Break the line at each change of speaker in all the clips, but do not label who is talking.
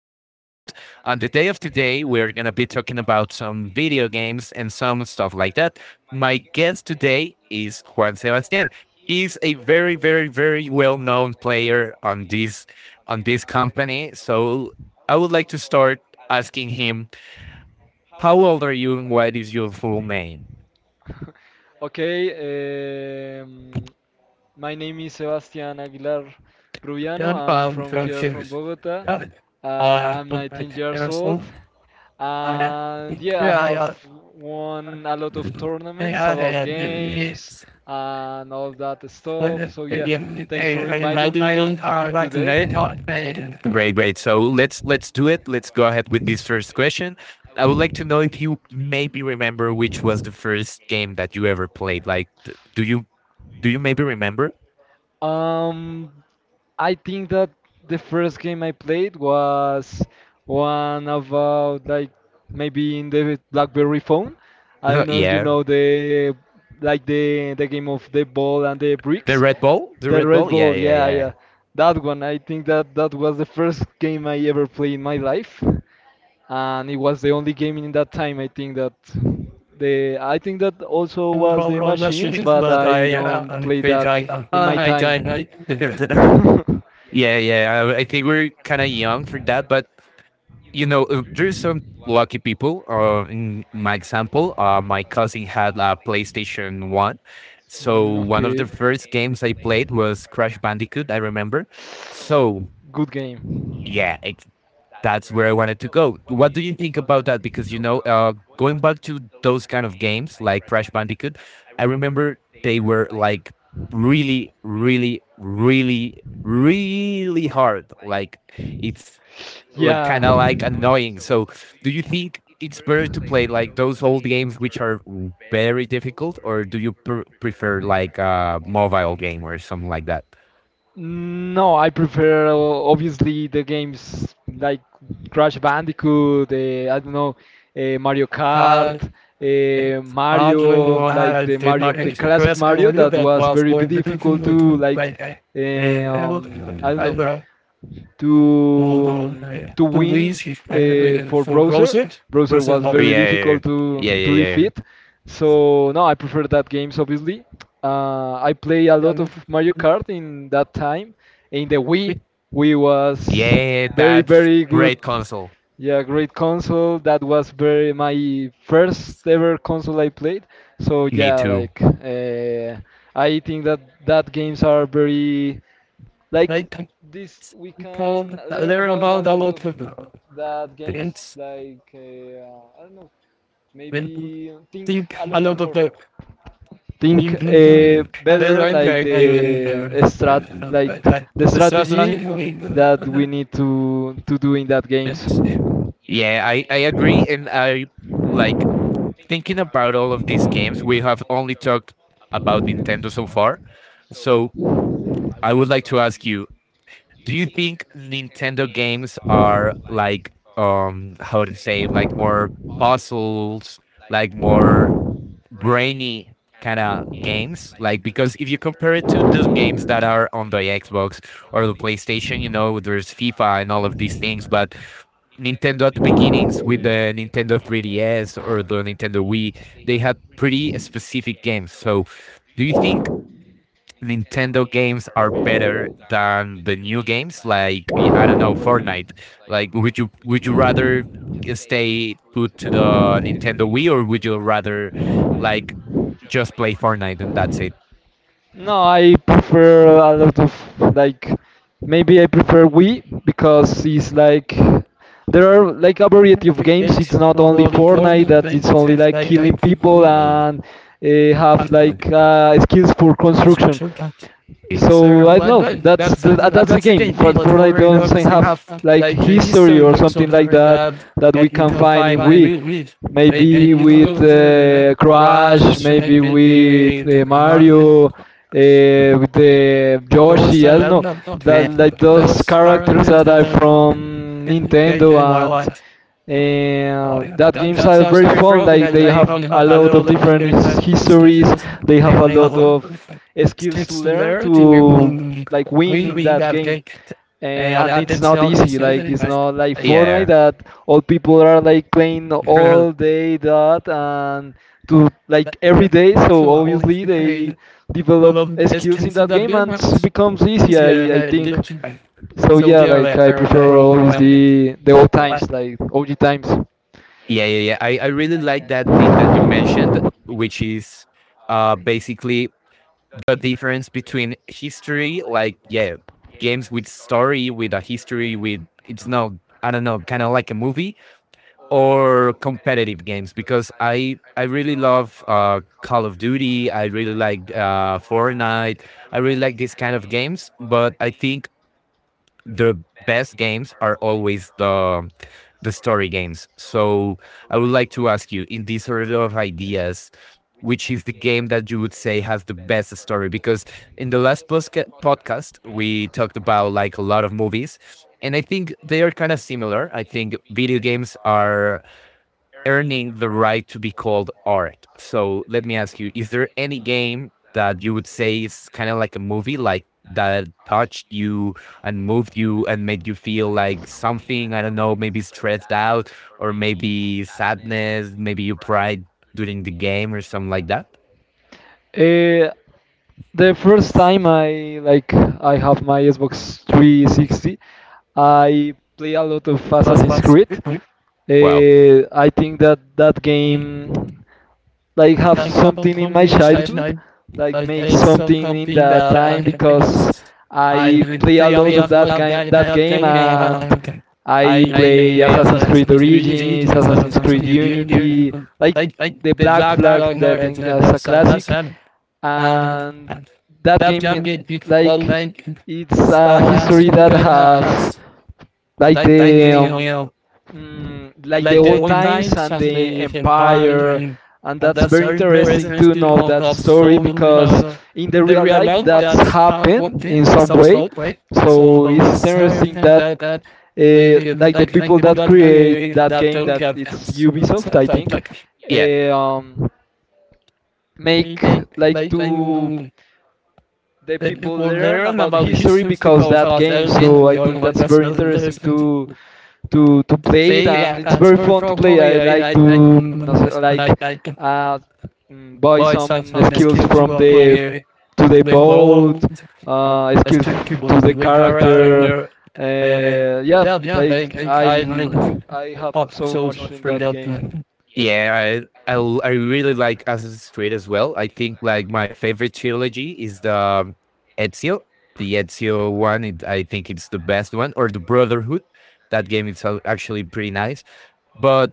podcast. On the day of today, we're going to be talking about some video games and some stuff like that. My guest today is Juan Sebastian. He's a very, very, very well-known player on this company. So I would like to start asking him, how old are you and what is your full name?
Okay, my name is Sebastian Aguilar Rubiano.
John
I'm
Paul
from
from
here from
Ships.
Bogota.
Uh,
Uh,
uh,
I'm 19 years old,
I am
and yeah, I have
yeah,
won a lot of
Great,
tournaments about games and all that stuff. So yeah, thanks for inviting me today.
great. So let's do it. Let's go ahead with this first question. I would like to know if you maybe remember which was the first game that you ever played. Like, do you do you maybe remember?
Um, I think that the first game I played was one about like maybe in the BlackBerry phone. I don't know if you
Yeah,
know the like the game of the ball and the
the
bricks.
Red Bull, the
The
Red
Red
Bull. Yeah,
Bull,
yeah,
yeah,
yeah.
yeah. That one, I think that that was the first game I ever played in my life and it was the only game in that time. I think that the I think that also was the machines, but
But
I
I,
don't play that in my time.
yeah, yeah. I think we're kind of young for that, but you know, there's some lucky people. In my example, my cousin had a PlayStation One,
Mm,
so one of the
okay.
first games I played was Crash Bandicoot. I remember. So
Good game.
yeah, that's where I wanted to go. What do you think about that? Because you know, going back to those kind of games like Crash Bandicoot, I remember they were like really, really, really, really hard. Like it's
Yeah.
kind of like annoying. So, do you think it's better to play like those old games which are very difficult, or do you prefer like a mobile game or something like that?
No, I prefer obviously the games like Crash Bandicoot, I don't know, Mario Kart,
Uh, It oddly,
Mario, like
I
the
did
Mario,
not
the classic
because I
Mario
knew
that
that
was
was
very
born
difficult to
between
like,
like I
uh,
and
I don't know
I
to um, to win
police
for
for
Browser.
Rosen
Browser
versus
was
not.
very
Yeah, yeah,
difficult to
yeah, yeah, yeah.
defeat. So no, I prefer that games obviously. I play a
Yeah,
lot of Mario Kart in that time. In the Wii, Wii was
yeah,
very
that's
very good.
great console.
Yeah, great console. That was very my first ever console I played. So
Me
yeah,
too.
like, I think that that games are very like
Like
this, we can learn
learn
about a
about a
lot of
lot of
that games.
things
Like, I don't know,
when
maybe think
they
a
a
lot of
lot of
more. Think
Yeah,
better, like the strat, like the strategy that we need to do in that games.
I agree. And I like thinking about all of these games, we have only talked about Nintendo so far. So I would like to ask you do you think Nintendo games are like, how to say, like more puzzles, like more brainy kind of games like because if you compare it to the games that are on the Xbox or the PlayStation, you know, there's FIFA and all of these things, but Nintendo at the beginnings with the Nintendo 3DS or the Nintendo Wii, they had pretty specific games. So do you think Nintendo games are better than the new games, like I don't know, Fortnite. Like, would you rather stay put to the Nintendo Wii, or would you rather like just play Fortnite and that's it?
No, I prefer a lot of like maybe I prefer Wii because it's like there are like a variety of games. It's not only
Well,
Fortnite that it's only like killing people and uh, have like skills for
that's what
construction.
you got. So
So I don't
like
know.
that,
That's
that's
the that's the
the
game.
game.
For
People
Fortnite
for
doesn't
obviously
have
enough,
like
like he's so
history or
low, so
something like
very
that
bad
that we
at
can
income
find
five
in
and
Wii.
we read. They
Maybe
then you
with
go to the
Crash,
process and
maybe
be
with
be
Mario, with the
those
Yoshi.
are
I don't know.
not
That like those
those are the
characters
things
that
that
are from
I do
Nintendo
in my
and
life.
that games
Ja,
are
Jag
very
sa
fun.
ifrån
Like they
I
have a lot of
Vanhapalålen
different his-
nu snusen
histories.
och sen
They
det
have
har
a
ni
lot
hållit.
of skills to
Steps through
learn
there to we
to
will
like win
we
in
we
that
that
game.
cake. They
And,
all
and
had
it's not
themselves these
easy.
things
Like it's
anyway.
not like Fortnite
Yeah.
that all people are like playing all day that and to like every day. So
Kill all if
obviously
we
they
pay. I
develop
love this
skills in
concept
that
that
game
we
and it
want.
becomes easy.
Yeah, and
I think. So
so,
yeah, like
yeah,
I
they're a time
prefer
world.
obviously the old times, like OG times.
Yeah, yeah, yeah. I really like that thing that you mentioned, which is basically the difference between history, like yeah, games with story, with a history, with it's not I don't know, kind of like a movie or competitive games because I really love Call of Duty. I really like Fortnite. I really like these kind of games. But I think the best games are always the story games. So I would like to ask you, in these sort of ideas, which is the game that you would say has the best story? Because in the last podcast, we talked about like a lot of movies, and I think they are kind of similar. I think video games are earning the right to be called art. So let me ask you: Is there any game that you would say is kind of like a movie, like that touched you and moved you and made you feel like something? I don't know, maybe stressed out or maybe sadness, maybe you cried during the game or something like that.
Uh, the first time I like I have my Xbox 360, I play a lot of Assassin's
Well,
Creed. I think that that
I,
game like have
I haven't
something in
from
my
the outside and
childhood,
I
like
like
make
it's
something in
something
that
that
time
I
because
was. I
I play a
really
lot of
have not been
that game,
paying
and
attention. I
I play
I as a
Assassin's Creed Origins,
absolutely so
Assassin's Creed
something you
Unity,
you
like
like
the
the
Black
black I
Flag
don't
that
know
I
it's
think
not
that's
no
a
so that's
classic,
and
and that
that jump
game
get beautiful
like
like
it's a
style
history
and
that
going to
has
house.
like
Like thank you
like the
like the
old times
online
and
something
the
you can buy
empire and
and
that's
that's
very
how it
interesting
represents
to know
people
that
that
story
so
because in the
the
real
real
life
life
that's
that's how it
happened
worked in
in some
some
way
sort, right? So
so
but we
it's interesting
certain
that
that
like the
like
people
people
that
that
create that
that
game
don't
that
have
it's ubisoft I
like
think
like yeah.
eh, um, make
And
like
like
to the
the
people
people
learn
learn
about
about
history
history
because
because
that
of
game.
that
So
in
I
your
think
like
that's
that's
very interesting
there's something.
to to
So
play it, and
yeah,
it's
that's
very
very
fun to play.
probably
I
I
like
I I
to no sé, like
I I
uh, buy
lights out
some
on this
skills
to
from
one
the
will
to the
they
boat,
bowled. As
skills
two
f-
people
to the
to the car out
character.
Uh,
Yeah,
yeah, yeah,
like
they,
I
I really
l- I have
pop
so
souls
much
up
in
for
that game.
that. Yeah, I, I I really like Assassin's Creed as well. I think like my favorite trilogy is the Ezio, the Ezio one. It, I think it's the best one, or the Brotherhood. That game is actually pretty nice. But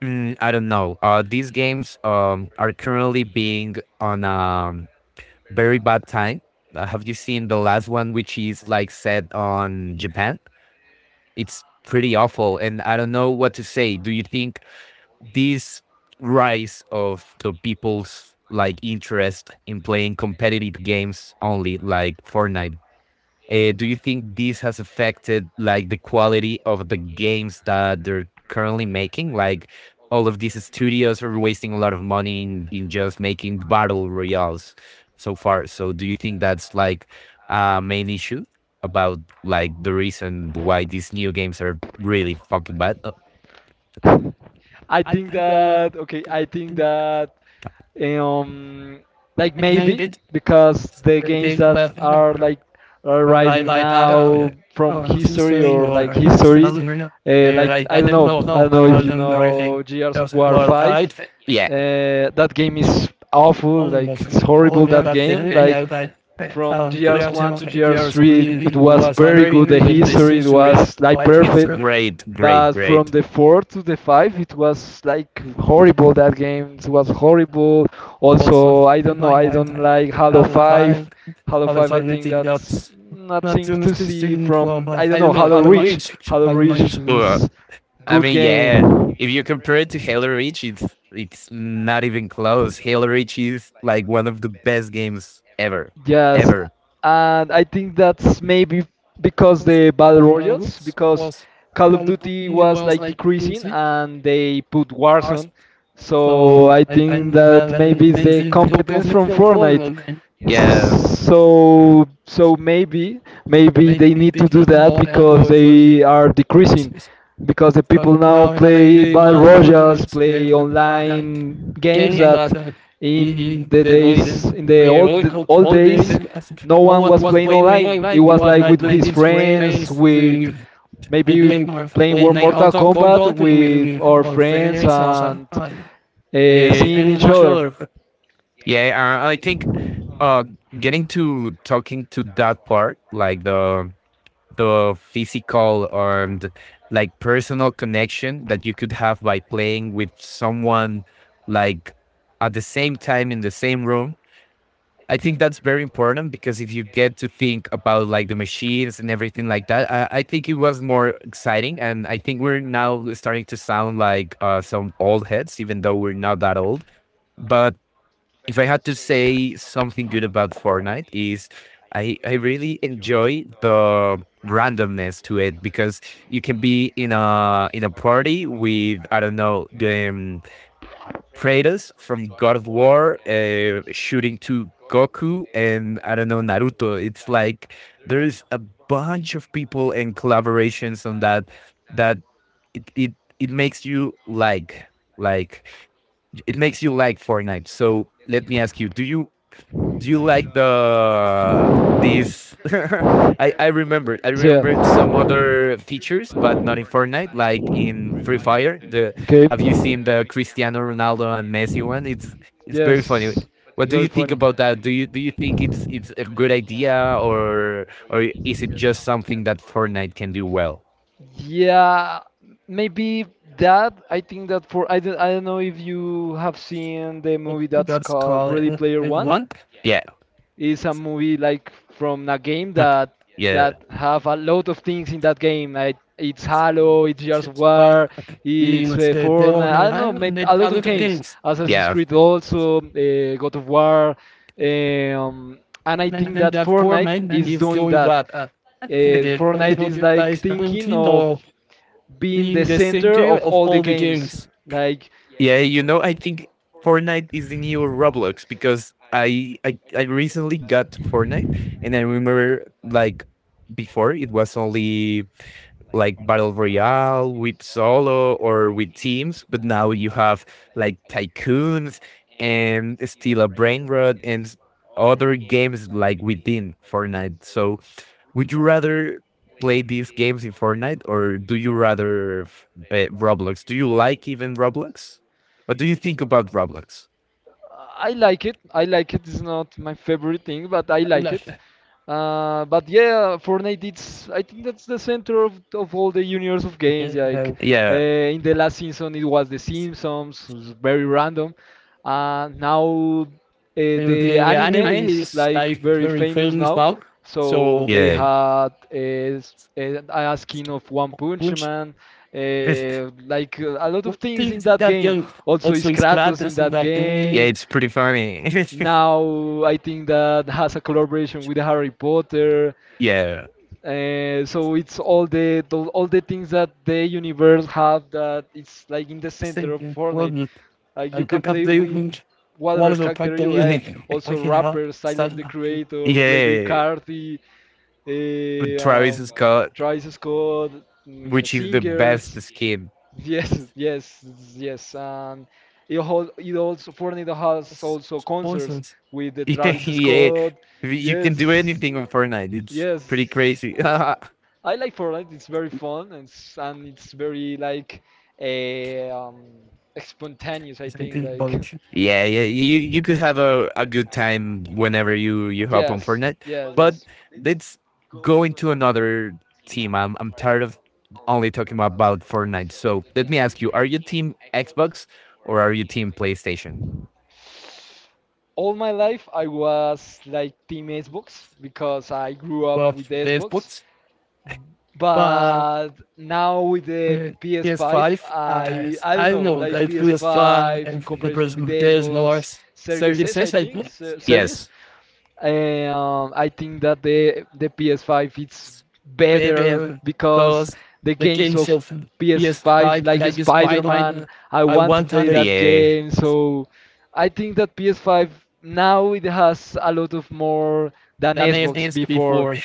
mm, I don't know. These games are currently being on a very bad time. Have you seen the last one, which is like set on Japan? It's pretty awful, and I don't know what to say. Do you think this rise of the people's like interest in playing competitive games only, like Fortnite, do you think this has affected like the quality of the games that they're currently making? Like all of these studios are wasting a lot of money in just making battle royales so far. So do you think that's like a main issue about like the reason why these new games are really fucking bad?
I
I
think
think uh,
that okay, I think that um like
I
maybe
think
because the games that are
it.
like
Or I
arriving
like that
now
out.
from
Oh, I'm just
history
doing
or
well,
like
I just
history
doesn't
like
I, I didn't know
I
how
don't
I
know if you know
didn't
Gears of
just,
War
well,
5.
I yeah.
That game is awful,
All of my
like it's
feet, all of
horrible that
them, I've
game,
been
like
out that.
from
The
years one
downtown
to year
computers
three, it
really
was
was
very good.
wondering
The
when this
history it
is real.
was like
I think
perfect,
great,
but
great,
from
great.
the four to the five, it was like horrible. That game it was horrible.
Also
Also, I
I
don't know.
might
I don't
that
like Halo
out my
Five.
five
Halo
other
Five, I think
fundamental
that's
doubts. Not
nothing
too much
to
to
see
student for
from.
my
I don't
I don't
know
know,
Halo
I don't know,
Reach. Halo
I
Reach
don't know.
is
I
good
mean,
game.
yeah, if you compare it to Halo Reach, it's not even close. Halo Reach is like one of the best games ever,
Yes,
ever.
and I think that's maybe because
Was
the battle
kind of
royals, because
was
Call of Duty was like
I
decreasing and they put Warzone. So
so
I
I did
think that maybe is the competence from Fortnite.
yeah,
So so
it
maybe they
made me
need to
big
do
even
that
though
because
Apple is
they are
which
decreasing
is
because the people now
no
play battle
one
royals,
was
play online games that in the days in the old days no one was playing
blaming
online
me,
it
right? You
was
are
like
not
with his
blaming
friends
friends.
with
They
maybe
blame our
playing war
blame me
mortal
also
kombat
combo to
with
me
our
or
friends
friends also.
and seeing
I'm
each
not
other
sure. Yeah, I think uh, getting to talking to that part, like the physical or the, like personal connection that you could have by playing with someone like at the same time in the same room I think that's very important because if you get to think about like the machines and everything like that I think it was more exciting and I think we're now starting to sound like some old heads even though we're not that old, but if I had to
have
say something good about
it
Fortnite is I really enjoy the randomness to it because you can be
we
in a party with I don't know the
the operators
Kratos from God of War shooting to Goku and I don't know Naruto. It's like there's a bunch of people and
in
collaborations on
like
that that it makes you like like it makes you like Fortnite. So let me ask you, do you like the this I remember I remembered some
yeah.
other features, but not in Fortnite, like in Free Fire. The
Okay.
have you seen the Cristiano Ronaldo and Messi one? It's very funny.
Yes.
What
It's
do you
very
think
funny.
about that? Do you think it's a good idea or is it just something that Fortnite can do well?
Yeah, maybe that. I think that for I don't know if you have seen the movie that's
That's
called
called
Ready Player One.
one. Yeah.
It's a movie like from a game that
Yeah,
have a lot of things in that game. Like it's Halo, it's Gears of
well,
War,
you
it's
would say they were
Fortnite. I
made
don't know, made
and they
a lot of
other
games.
things.
Assassin's
Yeah.
Creed also, God of War, um, and I
And
think
then
that
that poor
Fortnite
man, and
is
he's
doing
doing
that.
that. And then he
Fortnite is
would
like
like
thinking of being the
the same
center
day
of
of
all the
all the
games.
games.
Like
Yeah, you know, I think Fortnite is the new Roblox because I recently got Fortnite and I remember like before it was only like battle royale with solo or with teams, but now you have like tycoons and still a brain rot and s- other games like within Fortnite. So would you rather play these games in Fortnite or do you rather Roblox? Do you like even Roblox? What do you think about Roblox?
I like it. I like it. It's not my favorite thing, but I
I'm
like it.
Like,
But yeah, Fortnite. It's I think that's the center of all the universe of games. Like
Yeah,
uh, in the last season, it was The Simpsons. It was very random. Now.
the
The
the
anime
anime
is
is
like
like
very
very
famous
famous
now,
now,
so
so
they
yeah,
had a skin of One Punch
which
Man, like a lot of things in
things
that
that
game.
game
Also,
also
is
is
Kratos in
gladness and
that
like yeah.
game.
It's pretty funny.
Now I think that has a collaboration with Harry Potter.
yeah,
So it's all the all the things that the universe have that it's like in the center of
thinking,
Fortnite.
well,
Like
I
you can
pick up
play
the
with
equipment, one
whatever
of the
character
practical
you like.
unit,
Also
we can help,
rappers, Tyler
start
the
up.
Creator, Playboi
Yeah,
Carti,
but
eh,
Travis
um,
Scott,
Travis Scott, mm,
which is the
singers.
best skin.
Yes, yes, yes, and it hol- it also Fortnite
I
has
suppose.
also concerts
Supposed.
with the Travis
yeah,
Scott.
you can do
Yes,
anything on Fortnite. It's pretty
yes.
crazy.
I like Fortnite. It's very fun and it's very like a spontaneous. I think
presenting
like
bullshit. Yeah, yeah, you could have a good time whenever you hop on
yes,
Fortnite,
yes,
but
yes.
let's go into another team. I'm tired of only talking about Fortnite. So let me ask you: Are you team Xbox or are you team PlayStation?
All my life I was like Team Xbox because I grew up
Well,
with the
the
Xbox
Xbox, but
but now with the PS5,
PS5,
I don't
I don't
know,
know,
like
like PS5
PS5
and
in
the
comparison with the
Xbox, there's no
Xbox
worse. So you say like
Series.
yes,
I think that the PS5 it's better
baby,
because
those
the
the
games
games
of
of
PS5
PS5
like
like this
Spider-Man,
pipeline.
I
I
want to
want
play
to
that
yeah.
game. So I think that PS5 now it has a lot of more than
That means
Xbox before.
before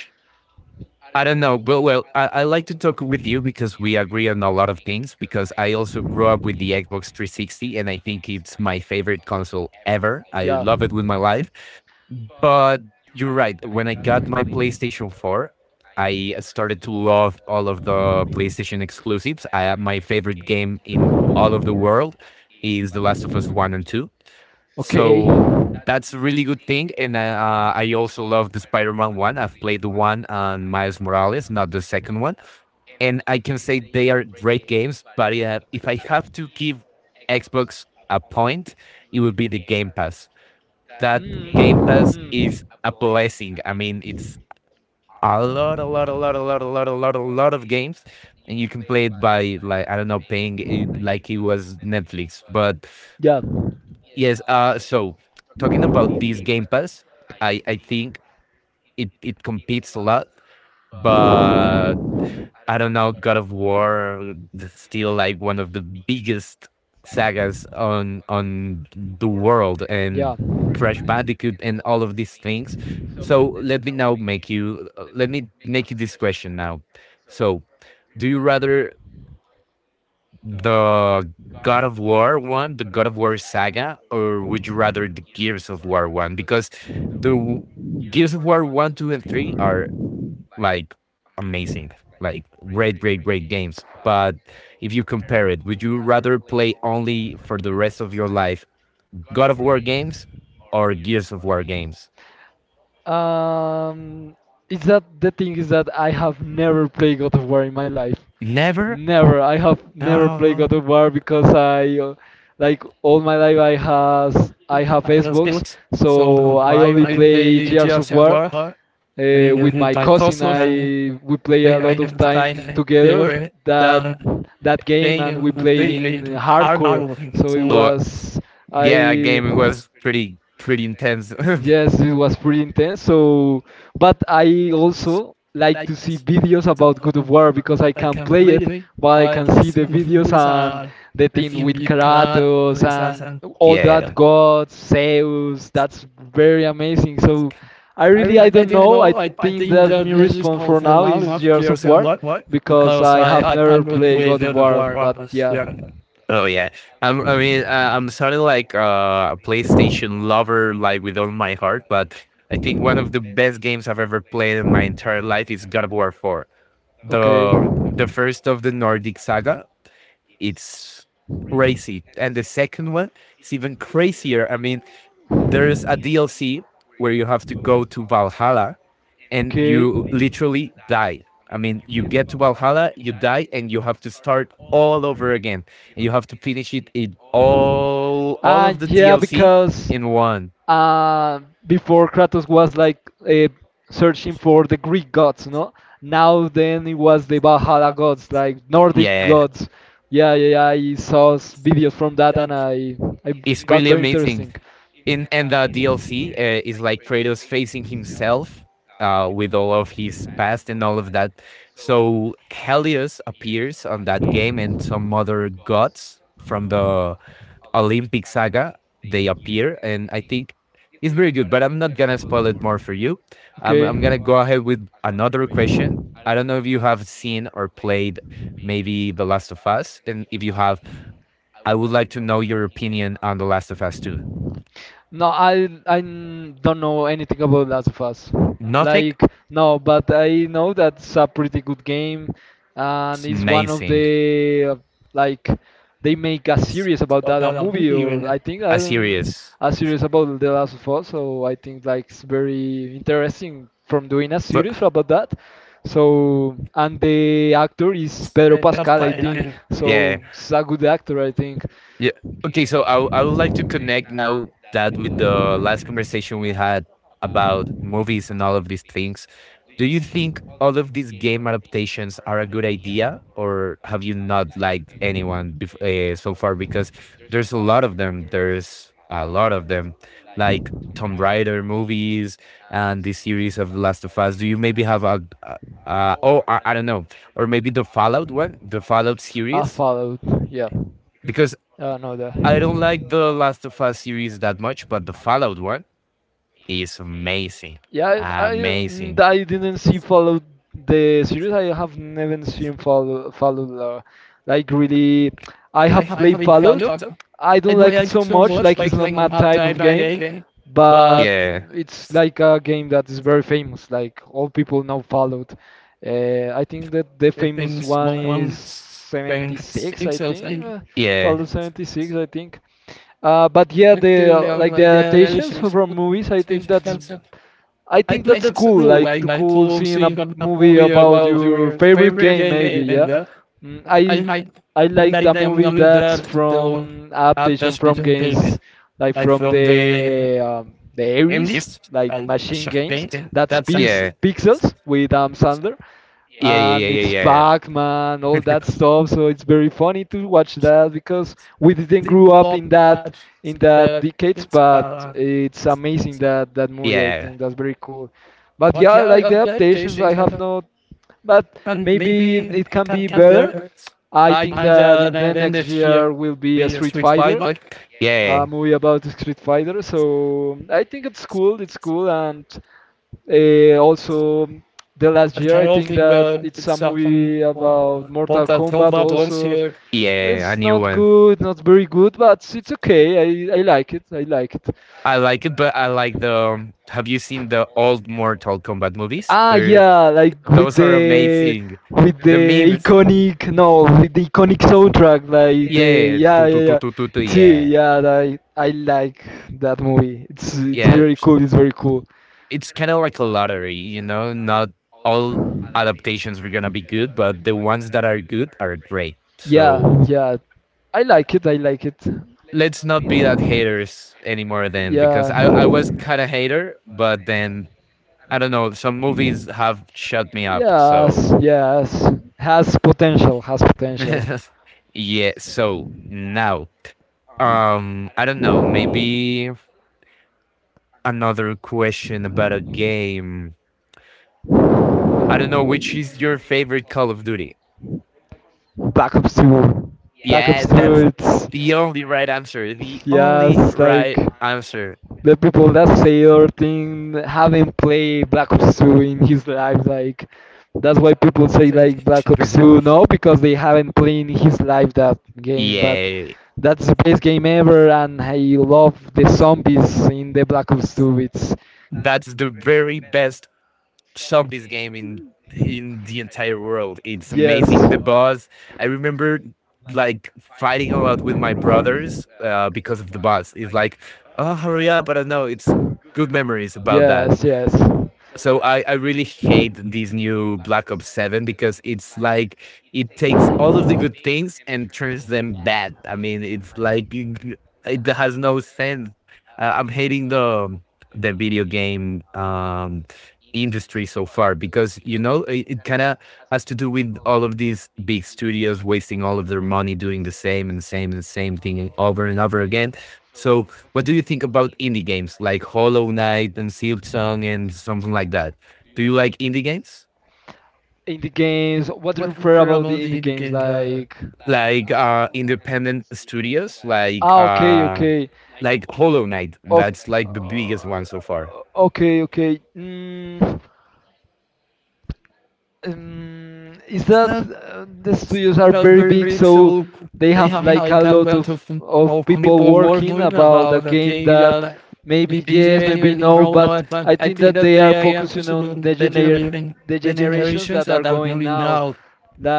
I don't know, but well, I like to talk with you because we agree on a lot of things. Because I also grew up with the Xbox 360, and I think it's my favorite console ever. I love it with my life. But you're right. When I got my PlayStation 4, I started to love all of the PlayStation exclusives. I have my favorite game in all of the world is The Last of Us 1 and 2. So that's a really good thing. And I also love the Spider Man one. I've played the one on Miles Morales, not the second one. And I can say they are great games, but if I have to give Xbox a point, it would be the Game Pass. That Game
Mm.
Pass is a blessing. I mean, it's a lot, a lot, a lot, a lot, a lot, a lot, a lot of games. And you can play it by like I don't know, paying it like it was Netflix. But
Yeah.
yes. So talking about this Game Pass, I think it competes a lot, but I don't know. God of War is still like one of the biggest sagas on the world, and
Yeah.
Crash Bandicoot, and all of these things. So let me now make you let me make you this question now. So, do you rather the God of War one, the God of War saga, or would you rather the Gears of War one? Because the w- Gears of War one, two, and three are like amazing, like great, great, great games. But if you compare it, would you rather play only for the rest of your life God of War games or Gears of War games?
Um, is that the thing is that I have never played God of War in my life.
Never.
Never? Never. I have
Uh,
never played God
I
of War because like all my life, I have
was
Xbox,
built. So
so I
why
only
I
play
the
Gears of
Gears of
War.
War?
With my
My.
cousin, I we play
So,
a lot of
yeah,
time together that that game, and we played in hardcore. So it was I
game was pretty pretty intense.
Yes, it was pretty intense. So, but I also like to see videos about God of War because I can play it, but I can see the videos and the thing with Kratos and all
yeah,
that
yeah.
gods, Zeus. That's very amazing. So,
I really
I
I
don't
didn't
know. I
know. I
think
think
that
that
my
this is
response for
both a
now
lot
is
of
Gears of
years and
War
what
because
because
I
I
have
I
never
can't
played
really
God
do
of
the
War,
floor
but
office.
yeah.
Yeah. Oh yeah, I mean, I'm sort of like a PlayStation lover, like with all my heart. But I think one of the best games I've ever played in my entire life is God of War 4,
Okay.
the first of the Nordic saga. It's crazy, and the second one is even crazier. I mean, there is a DLC where you have to go to Valhalla and
Okay.
you literally die. I mean, you get to Valhalla, you die, and you have to start all over again. And you have to finish it in all
Ah,
of the
yeah,
DLC
because
in one.
uh, before Kratos was like uh, searching for the Greek gods, no? Now then it was the Valhalla
Uh,
gods, like Nordic
Yeah,
gods. Yeah, yeah, yeah. I saw s- videos from that and
that
I
it's
got
really
very
amazing.
interesting.
In and the DLC is like Kratos facing himself with all of his past and all of that. So Helios appears on that game, and some other gods from the Olympic saga they appear, and I think it's very good. But I'm not gonna spoil it more for you. I'm gonna go ahead with another question. I don't know if you have seen or played maybe The Last of Us, and if you have, I would like to know your opinion on The Last of Us 2.
No, I n- don't know anything about Last of Us.
Nothing?
Like no, but I know that's a pretty good game, and
It's
it's one of
amazing.
the like they make a series about
A series. But
that, a
now
movie or
I
I think I don't,
serious.
a series about The Last of Us. So I think like it's very interesting from doing a series about that. So and the actor is Pedro Pascal, I think.
Yeah.
So it's a good actor, I think.
Yeah. Okay. So I, I would like to connect now that with the last conversation we had about movies and all of these things. Do you think all of these game adaptations are a good idea, or have you not liked anyone so far? Because there's a lot of them. There's a lot of them, like Tomb Raider movies and the series of The Last of Us. Do you maybe have a, oh, I don't know, or maybe the Fallout one, the Fallout
I
series?
followed, yeah.
Because
No, the
I don't like the Last of Us series that much, but the Fallout one is amazing.
Yeah, I
Amazing.
I didn't see follow the series. I have never seen followed like really. I have
I
played
haven't found
followed.
out.
I
I
don't
don't
like it
like it
so
so
much.
much,
Like it's
like
not
I will
my
not
type
die
of
by
game,
day. But
but
yeah.
it's like a game that is very famous. Like all people know followed. I think that the
It
famous
seems
one
long
is
ones and
76.
it's
I think
something. Yeah.
followed 76. I think. But yeah,
But
the
do you know
like the
like that and
adaptations
it's
from movies.
expensive.
I
I
think
played
that's
it a
cool,
little
like
way
to
my
cool
tools so
seeing a
you got not have to
movie
worry
about
about
your
your
favorite
favorite
game,
game
maybe,
in
yeah.
the
Mm,
I
I
might
I like the
like, I'm
movie
coming
that's
there to
from
have
adaptation
this
from
between big
games like
like
from
from the
the Ares,
MDs
like
and
machine games.
champagne.
That's
That's yeah.
Pixels with Adam Sandler.
Yeah, yeah,
Yeah,
yeah,
and
yeah,
it's
yeah, yeah.
Pac-Man, all that stuff. So it's very funny to watch that because we didn't
The
grow up
love that
in that
that
decades,
it's
but it's amazing that that movie. I
yeah.
think that's very cool. But
But
yeah,
yeah, I
like the
like that dish
adaptations, I have not. But
and
maybe
maybe
it
it
can be
can be.
better. I think
I
that in the
Then
next
this
year
year
will be a
we
Street
sweet fight
Fighter.
like
Yeah, a
yeah.
movie about Street Fighter. So I think it's cool. It's cool, and also, the last
Het
year,
hij
I
hoofd
think
niet
that
meer
it's a
hetzelfde.
movie about
Want
Mortal
dat heel
Kombat.
veel ons
Also,
hier. Yeah, I
it's
knew
not
one.
good, not very good, but it's okay. I like it. I like it.
I like it, but I like the. Have you seen the old Mortal Kombat movies?
Ah,
They're,
yeah, like
those are amazing.
with
The
the
memes.
iconic no with the iconic soundtrack like the,
Yeah.
yeah,
Tu, tu,
yeah,
tu,
yeah,
tu, tu, tu,
see,
yeah.
yeah, I like that movie, it's
Yeah.
very cool, it's very cool.
It's kind of like a lottery, you know? Not all adaptations are going to be good, but the ones that are good are great.
Yeah,
So
yeah. I like it. I like it.
let's not be that haters anymore then because
Yeah.
I was kind of hater, but then I don't know, some movies have shut me up. So
Yes, yes. Has potential, has potential.
yeah, so now I don't know, maybe another question about a game. I don't know which is your favorite Call of Duty.
Black Ops 2. Black
Yeah,
Ops 2,
that's
it's.
the only right answer. The only
Yes, like.
right answer.
The people that say their thing haven't played Black Ops 2 in his life, like. That's why people say
So-
like Black Ops 2, no, because they haven't played in his life that game, but
Yay.
that's the best game ever, and I love the zombies in the Black Ops 2. It's,
That's the very best top this game in the entire world. It's amazing. The boss. I remember like fighting a lot with my brothers because of the boss. It's like, oh, hurry up! But I don't know it's good memories about that.
yes, yes.
So I really hate this new Black Ops 7 because it's like it takes all of the good things and turns them bad. I mean, it's like it has no sense. I'm hating the video game industry so far because you know it kind of has to do with all of these big studios wasting all of their money doing the same and same and same thing over and over again. So what do you think about indie games like Hollow Knight and Silksong and something like that? Do you like indie games?
In the games, what do you
What
prefer
for
about
about
the indie
the indie
games
game?
like?
Like independent studios
Okay, okay.
like Hollow Knight.
O-
That's like the
so
biggest one so
far,
far.
okay, okay. Is
It's
that
not
uh, the studios are
about
very
very
big,
great,
so
so
they
they
have
have
like
a
a
time
lot of
amount of
people
people
working
working
about a
about a
game
game.
that maybe yes, maybe
BJ
no,
bro, no,
but I
I
think
think
that
that
they are
they are
focusing on
anticipating the generation,
the
the
generations
generations
that are
that are
going
coming
now,
now.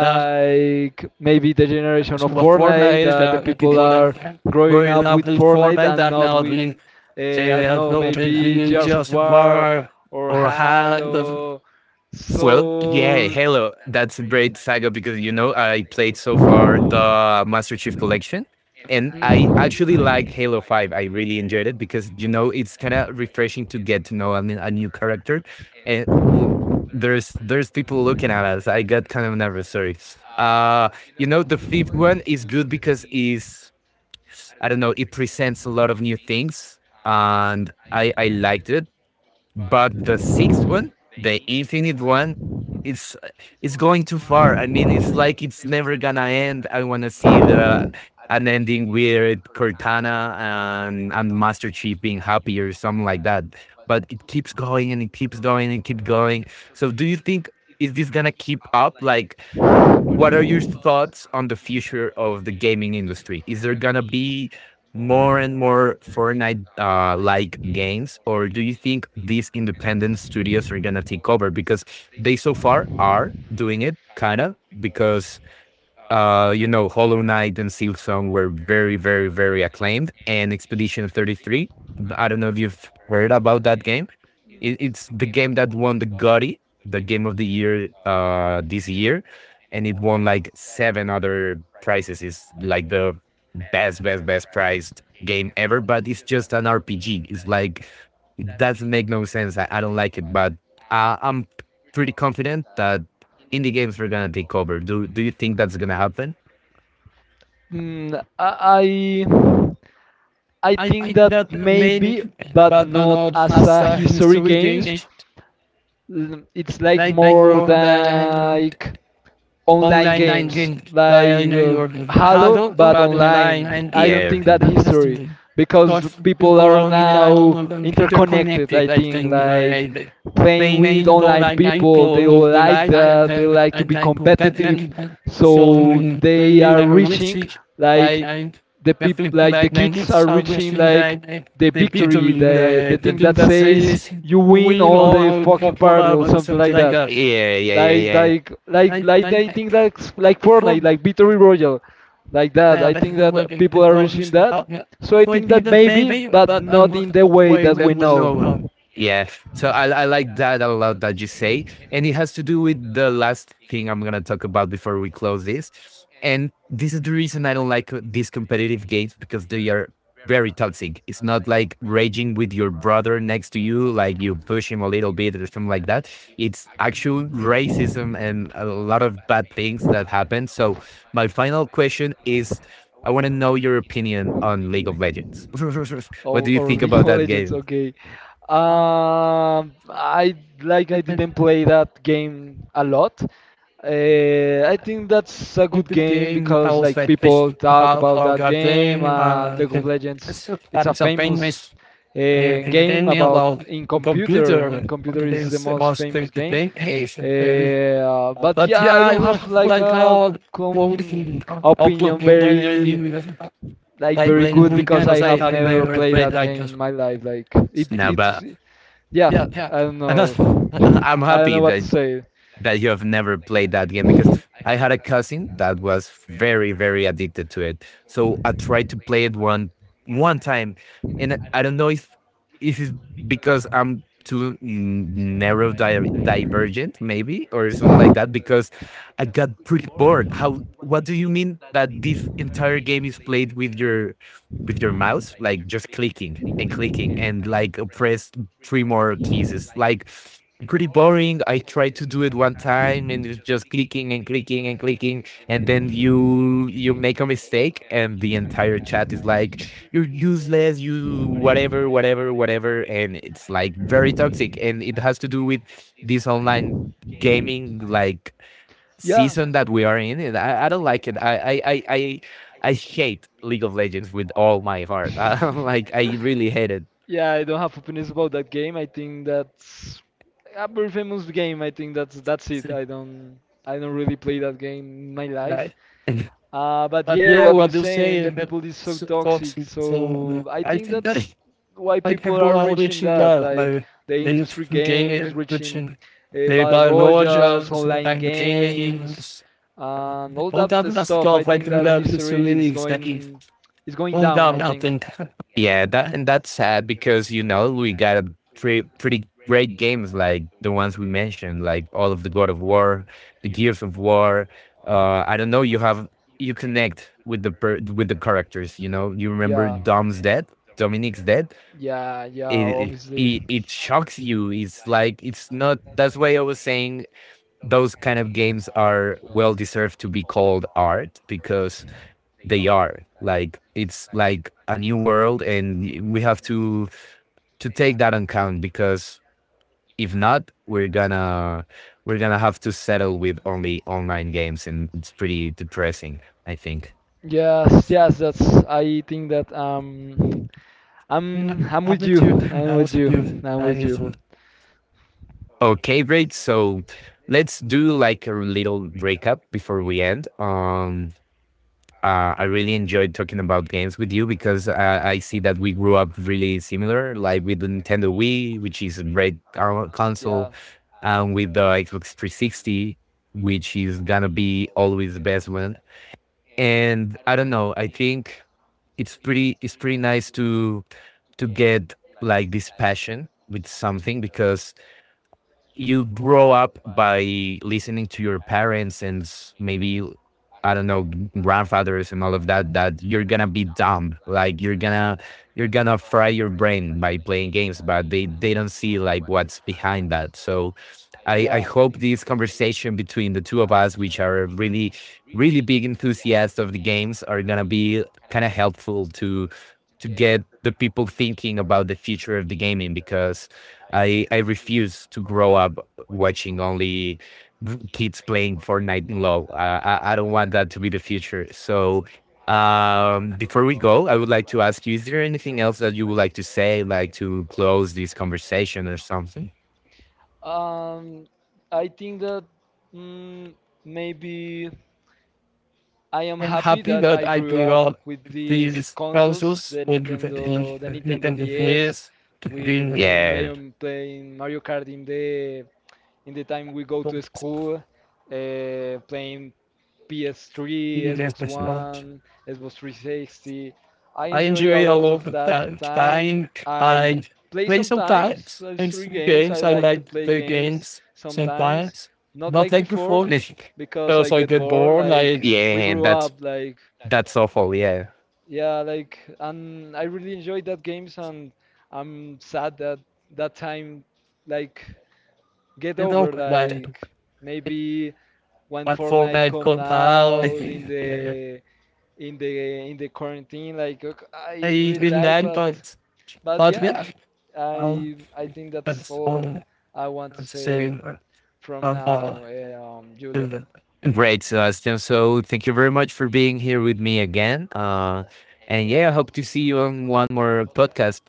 Na
maybe the generation
so
of Fortnite,
Fortnite,
that the people
people
are
that were
growing
in
up with Fortnite
Fortnite
and
that
not
now
with
doing,
I
say,
don't know,
no,
maybe Gears of
just
War
bar
or
or hand of
Halo,
well, yeah,
so.
hello. That's a great saga because you know I played so far the Master Chief Collection, and I actually like Halo 5. I really enjoyed it because you know it's kind of refreshing to get to know a, a new character, and there's people looking at us. I got kind of nervous. Sorry. Uh, you know the fifth one is good because is I don't know it presents a lot of new things, and I liked it but the sixth one, the infinite one, it's it's going too far. I mean, it's like it's never gonna end. I want to see the an ending with Cortana and Master Chief being happy or something like that. But it keeps going and it keeps going and keeps going. So, do you think is this gonna keep up? Like what are your thoughts on the future of the gaming industry? Is there gonna be more and more Fortnite like games, or do you think these independent studios are gonna take over? Because they so far are doing it, kinda. Because Hollow Knight and Silksong were very, very, very acclaimed, and Expedition 33. I don't know if you've heard about that game. It's the game that won the Gotti, the game of the year this year, and it won like seven other prizes. It's like the best, best, best prized game ever. But it's just an RPG. It's like it doesn't make no sense. I don't like it, but I'm pretty confident that indie games are gonna take over. Do you think that's gonna happen?
Mm. Mm, I
I
think
think
that
that maybe,
maybe, but
but not
not
all
as
fast
a
is
history
so
games, it's like
like
more
more than
like online
online
games
game
like
dahil na yun.
Halo,
Halo,
but
bago na line
online.
and
I don't
air.
think that
That's
history,
the.
because
Because
people
people
are
are in
now interconnected.
interconnected,
I
I
think
think.
like
Like,
playing
they may
with
do
online
like I
people, they
feel
all
of the
like
line. I have
that. They like to
a
be
time to that.
competitive,
And so,
so
they
they
will
are
have a
reaching
message.
like
Like, I definitely
like the
like negative
kids are reaching
salvation.
like
Like,
the
the people
victory, the
the
thing
thing
that
that
says
says,
you win
we
all
know
the
how to
fucking
talk
party or
about
something
something
like
like
that,
that. Yeah, yeah, yeah,
like
yeah.
like like
I,
like
I,
I
I
think that's like
Ik voor
Fortnite, like Victory Royale, like that.
now
I
that
think
is
that
working the
people are reaching
goals
that.
out here.
So I think
Pointing
that
the
maybe,
baby,
but
but I'm
not in
not
the way
worried
that
that
we
was
know.
no help. Yeah. So I like that a lot that you say. And it has to do with the last thing I'm going to talk about before we close this. And this is the reason I don't like these competitive games because they are very toxic. It's not like raging with your brother next to you, like you push him a little bit or something like that. It's actual racism and a lot of bad things that happen. So, my final question is I want to know your opinion on League of Legends. What
Oh,
do you
or
think
League
about
of
that
Legends.
game?
Okay.
Uh,
I Like
I
I
think
didn't play that game a lot. I think that's a
the
good game
game I
because
was
like
like
people talk
about
about
how
that
got
game.
game.
League of Legends. It's a
It's a
famous
famous uh,
game
game
about
about
in computer. In
computer. What
computer
it
is the
is
most
was
famous
the
game.
game uh,
But
but
yeah,
yeah,
I
I
don't
was
have like
like
a
all
com
working out
opinion
looking then
very
you
like
like
very
when
good
we
because
kind of
I
say
have
I
never
never
played
played
that
like
game
this.
in my life. Like
No,
it's,
but
yeah.
yeah, yeah.
I don't
And
know.
that's, I'm
I don't know
happy
what to
that
say.
you have never played that game because I had a cousin that was very, very addicted to it. So I tried to play it one time, and I don't know if it's because I'm too divergent, maybe or something like that. Because I got pretty bored. How? What do you mean that this entire game is played with your mouse, like just clicking and clicking and like press three more pieces? Like pretty boring. I tried to do it one time and it's just clicking and clicking and clicking. And then you make a mistake and the entire chat is like, you're useless, you whatever, whatever, whatever. And it's like very toxic. And it has to do with this online gaming like
Yeah.
season that we are in. And I don't like it. I I hate League of Legends with all my heart. Like I really hate it.
Yeah, I don't have opinions about that game. I think that's a very famous game. I think that's it. I don't really play that game in my life.
Right.
But
But
yeah,
yeah,
what you're
what you say
saying, the
is that
people is so
s- thoughts.
toxic.
So
So I
I
think
think
that's
that
why
like
people
people
are
are
reaching
reaching
that,
that
like
by
the
then
industry games,
gain which
reaching
they
battle
buy
royals,
Rogers and
online
like Taylor.
games, and all
All
that the
that
stuff. I
stuff like
think that
that is so
history
many exactly.
is going
No,
down, I think.
nothing. Yeah, that and that's sad because you know we got a pretty great games like the ones we mentioned, like all of the God of War, the Gears of War. I don't know. You have you connect with the per- with the characters. You know, you remember
Yeah.
Dom's death, Dominic's death.
Yeah, yeah,
It, it
obviously.
it it shocks you. It's like it's not. That's why I was saying those kind of games are well deserved to be called art because they are like it's like a new world and we have to take that on count because if not we're gonna we're gonna have to settle with only online games and it's pretty depressing I think.
Yes, yes, that's I think that I'm with you. I'm with you. I'm with you.
Okay, great, so let's do like a little recap before we end. I really enjoyed talking about games with you because I see that we grew up really similar, like with the Nintendo Wii, which is a great con- console,
Yeah.
and with the Xbox 360, which is gonna be always the best one. And I don't know, I think it's pretty nice to get like this passion with something because you grow up by listening to your parents and s- maybe I don't know grandfathers and all of that. That you're gonna be dumb, like you're gonna fry your brain by playing games, but they don't see like what's behind that. So I
Yeah.
hope this conversation between the two of us, which are really really big enthusiasts of the games, are gonna be kind of helpful to get the people thinking about the future of the gaming because I refuse to grow up watching only kids playing Fortnite and LOL. I don't want that to be the future. So before we go, I would like to ask you: Is there anything else that you would like to say, like to close this conversation or something?
Um I think that mm, Maybe I am
I'm
happy
happy
that
that
I
I
grew up
developed
with these
these
consoles,
consoles with
The Nintendo
Nintendo
DS,
DS to
with
bring yeah.
Playing Mario Kart in the time we go to school,
Able
playing PS3,
yes,
Xbox One, Xbox 360. I
I
enjoy a
enjoy a
lot of
lot of
that
time.
time.
Time.
I
I
play
play
sometimes
sometimes in
three games. I
games. I
like to
like to
play
play
games
games
sometimes,
sometimes.
not
Not
like
like
before,
before.
because I
Because I
get
get
bored.
bored.
Like
Like,
we
yeah,
grew up, like,
that's awful. Yeah.
yeah, like, and I really enjoyed that games, and I'm sad that that time like get
You know,
over. Like maybe when
like
Fortnite
Fortnite
come
got
out in
down. Yeah.
the in the quarantine. Like I
I
really
didn't
like,
like,
but
but
yeah,
yeah. Um,
I think that's
that's
all
all
I want to
I'm
say
saying.
from
Um, uh,
now, eh, Julian.
Mm. Great, Sebastian. So thank you very much for being here with me again. And yeah, I hope to see you on one more podcast.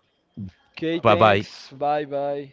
Okay,
Bye bye.
thanks. Bye bye.